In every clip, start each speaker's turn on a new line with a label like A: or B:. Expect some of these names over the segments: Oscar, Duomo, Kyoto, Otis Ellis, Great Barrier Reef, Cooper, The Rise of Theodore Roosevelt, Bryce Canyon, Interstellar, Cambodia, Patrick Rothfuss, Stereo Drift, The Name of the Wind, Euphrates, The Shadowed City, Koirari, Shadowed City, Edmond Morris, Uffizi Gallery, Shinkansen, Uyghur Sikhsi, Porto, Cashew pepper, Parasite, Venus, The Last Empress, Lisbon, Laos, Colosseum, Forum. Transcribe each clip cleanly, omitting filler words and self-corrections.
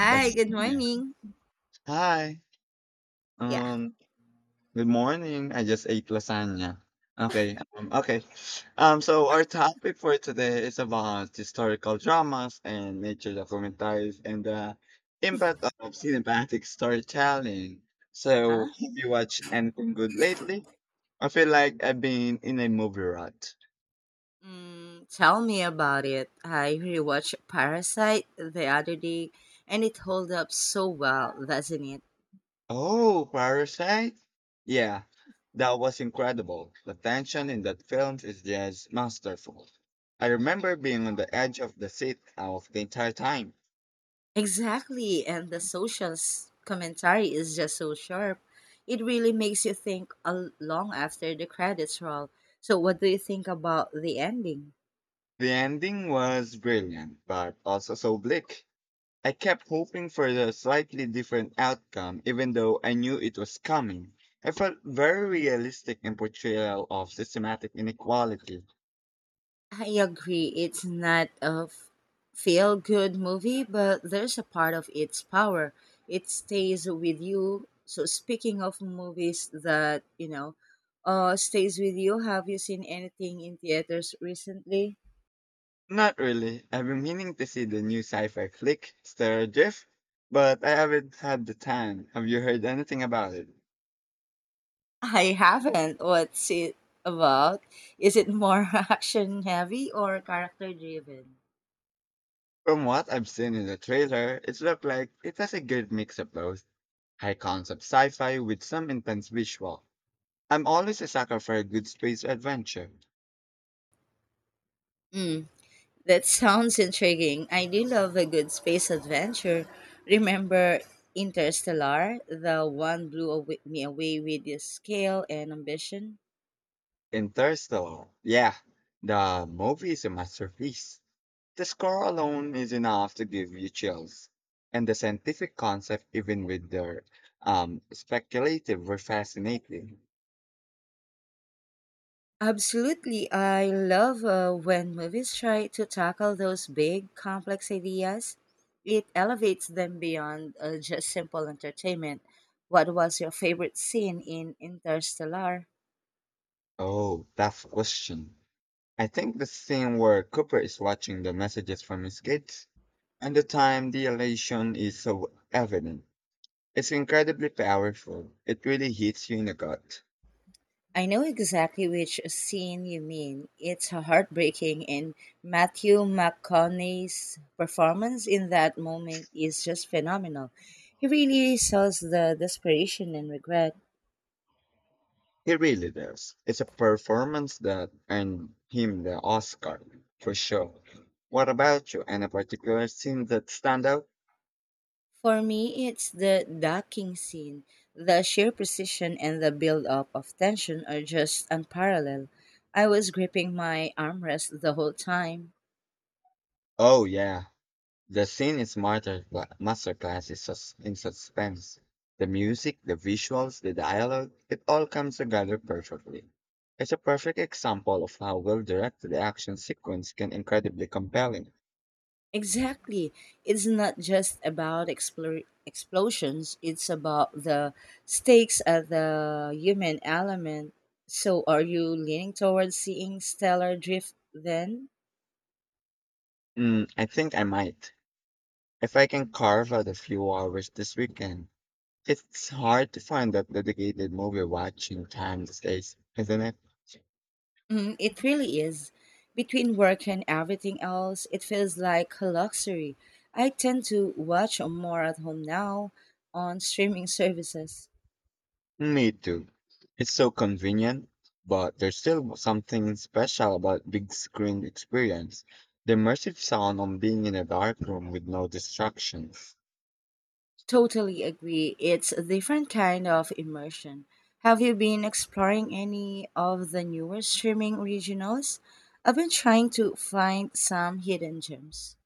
A: Hi, good
B: Lasagna.
A: morning.
B: Hi.
A: Yeah.
B: Um, Good morning. I just ate lasagna. Okay. Okay. So our topic for today is about historical dramas and nature documentaries and the impact of cinematic storytelling.
A: Uh-huh.
B: So, have you watched anything good lately? I feel like I've been in a movie rut.
A: Mm, tell me about it. I rewatched Parasite the other day and it holds up so well, doesn't it?
B: Oh, Parasite? Yeah, that was incredible. The tension in that film is just masterful. I remember being on the edge of the seat of the entire time.
A: Exactly, and the commentary is just so sharp. It really makes you think long after the credits roll. So, what do you think about the ending?
B: The ending was brilliant, but also so bleak. I kept hoping for the slightly different outcome, even though I knew it was coming. I felt very realistic in portrayal of systematic inequality.
A: I agree. It's not a feel good movie, but there's a part of its power. It stays with you. So speaking of movies that stays with you, have you seen anything in theaters recently?
B: Not really. I've been meaning to see the new sci-fi flick, Stereo Drift, but I haven't had the time. Have you heard anything about it?
A: I haven't. What's it about? Is it more action heavy or character driven?
B: From what I've seen in the trailer, it looked like it has a good mix of both high concept sci-fi with some intense visual. I'm always a sucker for a good space adventure.
A: Mm. That sounds intriguing. I do love a good space adventure. Remember Interstellar? The one blew away, me away with its scale and ambition.
B: Interstellar. Yeah, the movie is a masterpiece. The score alone is enough to give you chills. And the scientific concept, even with their speculative, were fascinating.
A: Absolutely. I love when movies try to tackle those big, complex ideas. It elevates them beyond just simple entertainment. What was your favorite scene in Interstellar?
B: Oh, tough question. I think the scene where Cooper is watching the messages from his kids and the time the elation is so evident. It's incredibly powerful. It really hits you in the gut.
A: I know exactly which scene you mean. It's heartbreaking, and Matthew McConaughey's performance in that moment is just phenomenal. He really sells the desperation and regret.
B: He really does. It's a performance that earned him the Oscar, for sure. What about you? Any particular scene that stand out?
A: For me, it's the docking scene. The sheer precision and the build up of tension are just unparalleled. I was gripping my armrest the whole time.
B: Oh yeah, the scene is masterclass is in suspense. The music, the visuals, the dialogue, it all comes together perfectly. It's a perfect example of how well directed the action sequence can incredibly compelling.
A: Exactly. It's not just about explosions, it's about the stakes of the human element. So, are you leaning towards seeing stellar drift then?
B: I think I might, if I can carve out a few hours this weekend. It's hard to find that dedicated movie watching time these days, isn't it?
A: Mm, it really is. Between work and everything else, it feels like a luxury. I tend to watch more at home now on streaming services.
B: Me too. It's so convenient, but there's still something special about big screen experience. The immersive sound on being in a dark room with no distractions.
A: Totally agree. It's a different kind of immersion. Have you been exploring any of the newer streaming originals? I've been trying to find some hidden gems.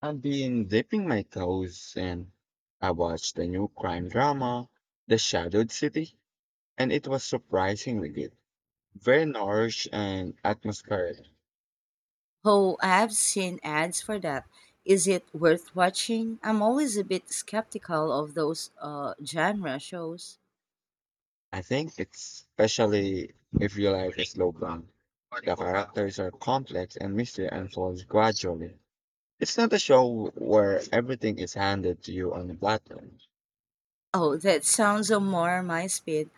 B: I've been dipping my toes in. I watched the new crime drama, The Shadowed City, and it was surprisingly good. Very nourished and atmospheric.
A: Oh, I've seen ads for that. Is it worth watching? I'm always a bit skeptical of those genre shows.
B: I think it's especially if you like a slow burn. The characters are complex and mystery unfolds gradually. It's not a show where everything is handed to you on a platter.
A: Oh, that sounds more my speed.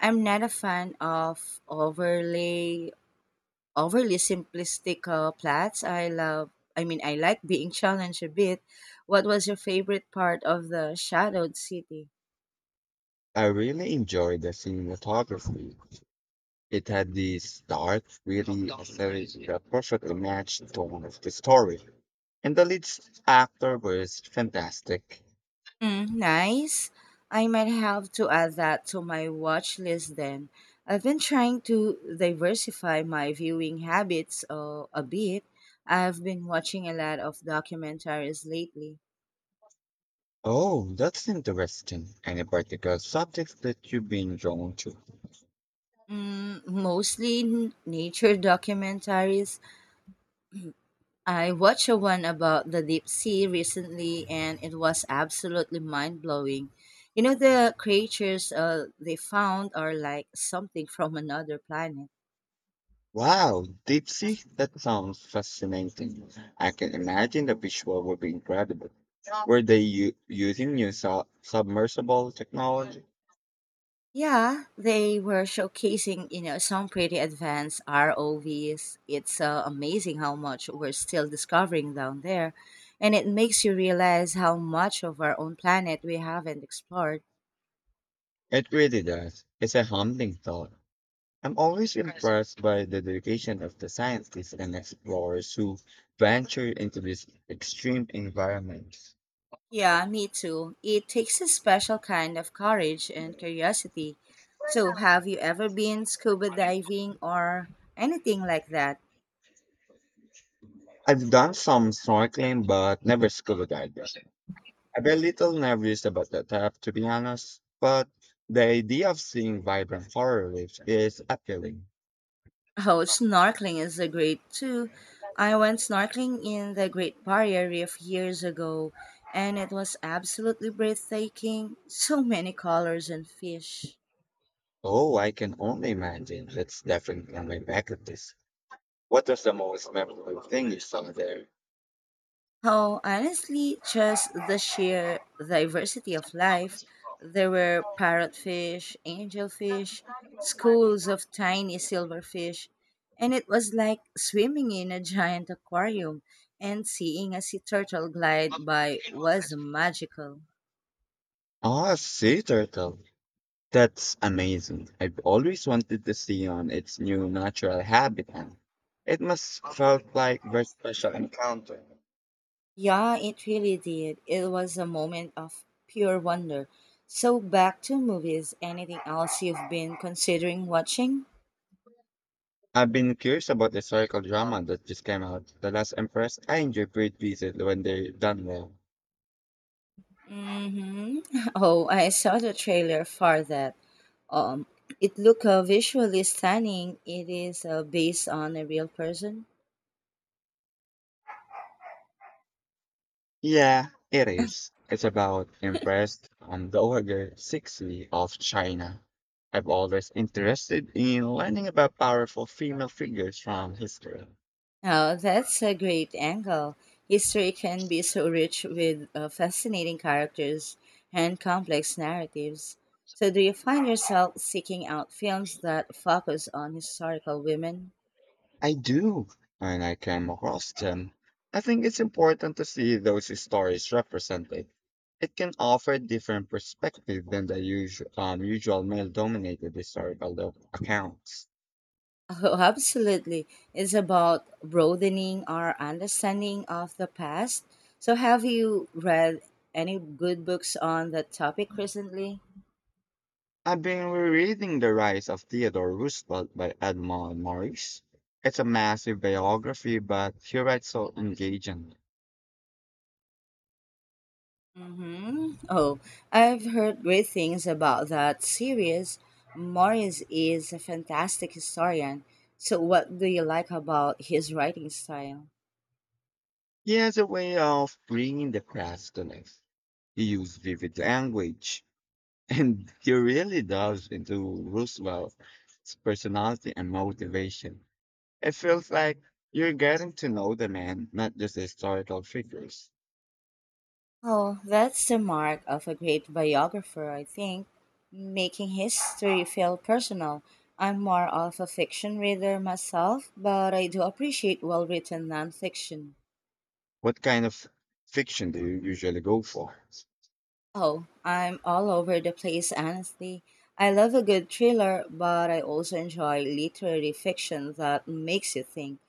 A: I'm not a fan of overly simplistic plots. I love. I mean, I like being challenged a bit. What was your favorite part of the Shadowed City?
B: I really enjoyed the cinematography. It had this dark, really aesthetic that perfectly matched the tone of the story. And the lead actor was fantastic.
A: Mm, nice. I might have to add that to my watch list then. I've been trying to diversify my viewing habits a bit. I've been watching a lot of documentaries lately.
B: Oh, that's interesting. Any particular subjects that you've been drawn to?
A: Mm, mostly nature documentaries. I watched a one about the deep sea recently, and it was absolutely mind blowing. You know, the creatures they found are like something from another planet.
B: Wow, deep sea? That sounds fascinating. I can imagine the visual would be incredible. Were they using new submersible technology?
A: Yeah, they were showcasing, you know, some pretty advanced ROVs. It's amazing how much we're still discovering down there, and it makes you realize how much of our own planet we haven't explored.
B: It really does. It's a humbling thought. I'm always impressed by the dedication of the scientists and explorers who venture into these extreme environments.
A: Yeah, me too. It takes a special kind of courage and curiosity. So, have you ever been scuba diving or anything like that?
B: I've done some snorkeling, but never scuba diving. I'm a little nervous about the app, to be honest, but the idea of seeing vibrant horror waves is appealing.
A: Oh, snorkeling is a great too. I went snorkeling in the Great Barrier Reef years ago, and it was absolutely breathtaking. So many colors and fish.
B: Oh, I can only imagine. That's definitely on my bucket list. What was the most memorable thing you saw there?
A: Oh, honestly, just the sheer diversity of life. There were parrotfish, angelfish, schools of tiny silverfish, and it was like swimming in a giant aquarium and seeing a sea turtle glide by was magical.
B: Ah, sea turtle. That's amazing. I've always wanted to see on its new natural habitat. It must felt like very special encounter.
A: Yeah, it really did. It was a moment of pure wonder. So, back to movies. Anything else you've been considering watching?
B: I've been curious about the historical drama that just came out. The Last Empress. I enjoyed great visit when they're done well.
A: Mm-hmm. Oh, I saw the trailer for that. Um, it looked visually stunning. It is based on a real person.
B: Yeah, it is. It's about impressed on the Uyghur Sikhsi of China. I've always interested in learning about powerful female figures from history.
A: Oh, that's a great angle. History can be so rich with fascinating characters and complex narratives. So, do you find yourself seeking out films that focus on historical women?
B: I do, and I came across them. I think it's important to see those stories represented. It can offer different perspective than the usual male-dominated historical accounts.
A: Oh, absolutely. It's about broadening our understanding of the past. So, have you read any good books on that topic recently?
B: I've been rereading The Rise of Theodore Roosevelt by Edmond Morris. It's a massive biography, but he writes so engagingly.
A: Mm-hmm. Oh, I've heard great things about that series. Morris is a fantastic historian. So, what do you like about his writing style?
B: He has a way of bringing the past to life. He uses vivid language, and he really delves into Roosevelt's personality and motivation. It feels like you're getting to know the man, not just the historical figures.
A: Oh, that's the mark of a great biographer, I think, making history feel personal. I'm more of a fiction reader myself, but I do appreciate well written nonfiction.
B: What kind of fiction do you usually go for?
A: Oh, I'm all over the place, honestly. I love a good thriller, but I also enjoy literary fiction that makes you think.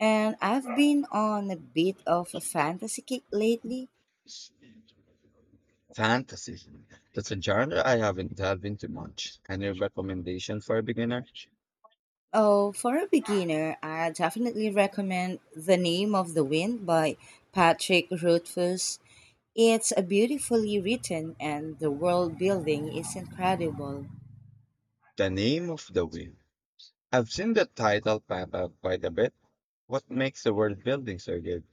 A: And I've been on a bit of a fantasy kick lately.
B: Fantasy. That's a genre I haven't delved into much. Any recommendation for a beginner?
A: Oh, for a beginner, I definitely recommend The Name of the Wind by Patrick Rothfuss. It's a beautifully written and the world building is incredible.
B: The Name of the Wind. I've seen the title pop up quite a bit. What makes the world building so good?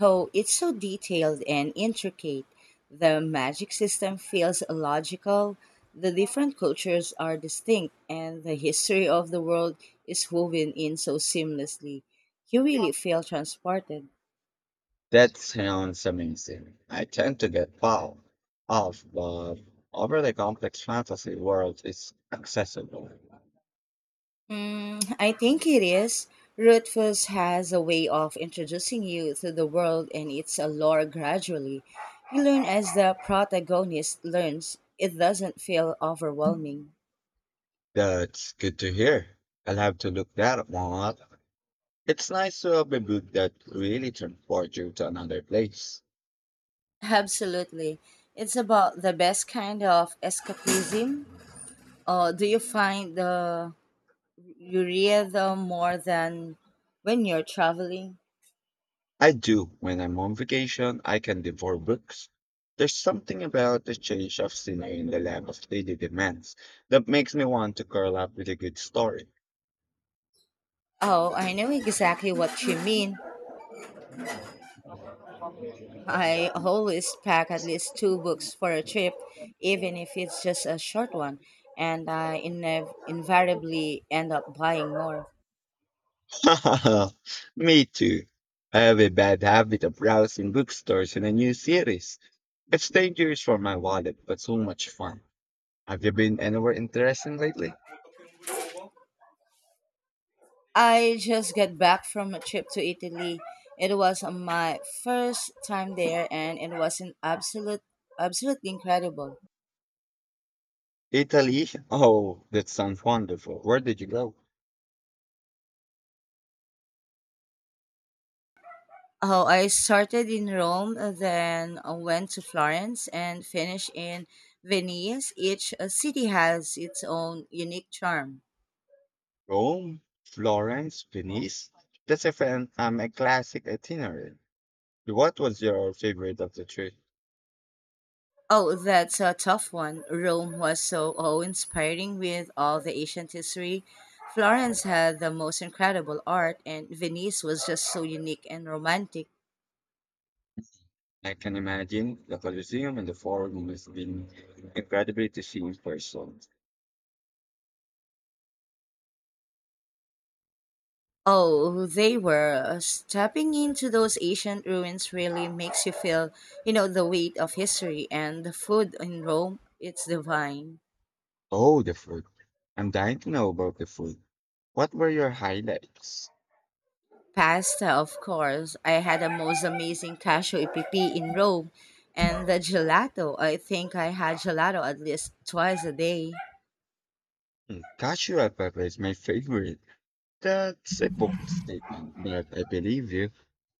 A: Oh, it's so detailed and intricate. The magic system feels logical, the different cultures are distinct, and the history of the world is woven in so seamlessly. You really feel transported.
B: That sounds amazing. I tend to get fouled off, but overly complex fantasy world is accessible.
A: Mm, I think it is. Rutfus has a way of introducing you to the world and its allure gradually. You learn as the protagonist learns. It doesn't feel overwhelming.
B: That's good to hear. I'll have to look that one up. It's nice to have a book that really transports you to another place.
A: Absolutely. It's about the best kind of escapism. Or do you find the you read them more than when you're traveling?
B: I do. When I'm on vacation, I can devour books. There's something about the change of scenery in the lap of daily demands that makes me want to curl up with a good story.
A: Oh, I know exactly what you mean. I always pack at least two books for a trip, even if it's just a short one, and I invariably end up buying more.
B: me too. I have a bad habit of browsing bookstores in a new series. It's dangerous for my wallet, but so much fun. Have you been anywhere interesting lately?
A: I just got back from a trip to Italy. It was my first time there, and it was absolutely incredible.
B: Italy? Oh, that sounds wonderful. Where did you go?
A: Oh, I started in Rome, then went to Florence, and finished in Venice. Each city has its own unique charm.
B: Rome, Florence, Venice. That's a a classic itinerary. What was your favorite of the trip?
A: Oh, that's a tough one. Rome was so awe-inspiring with all the ancient history. Florence had the most incredible art, and Venice was just so unique and romantic.
B: I can imagine the Colosseum and the Forum must been incredible to see in person.
A: Oh, they were. Stepping into those ancient ruins really makes you feel, you know, the weight of history and the food in Rome. It's divine.
B: Oh, the food. I'm dying to know about the food. What were your highlights?
A: Pasta, of course. I had the most amazing cashew EPP in Rome. And the gelato. I think I had gelato at least twice a day.
B: Hmm, cashew pepper is my favorite. That's a bold statement, but I believe you.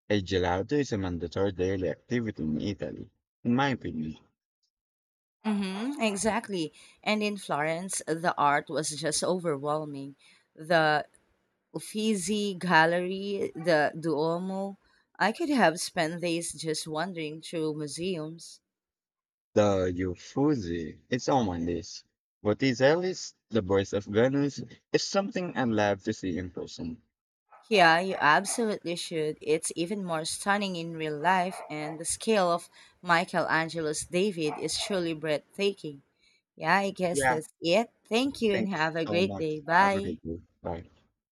B: A gelato is a mandatory daily activity in Italy, in my opinion.
A: Mm-hmm, exactly. And in Florence, the art was just overwhelming. The Uffizi Gallery, the Duomo. I could have spent days just wandering through museums.
B: The Euphrates. It's on my list. Otis Ellis, the voice of Venus, is something I'd love to see in person.
A: Yeah, you absolutely should. It's even more stunning in real life, and the scale of Michelangelo's David is truly breathtaking. Yeah, I guess
B: Yeah,
A: that's it. Thank you and
B: thank you
A: have a
B: so
A: great
B: much.
A: day.
B: Have a
A: Bye.
B: good day. Bye.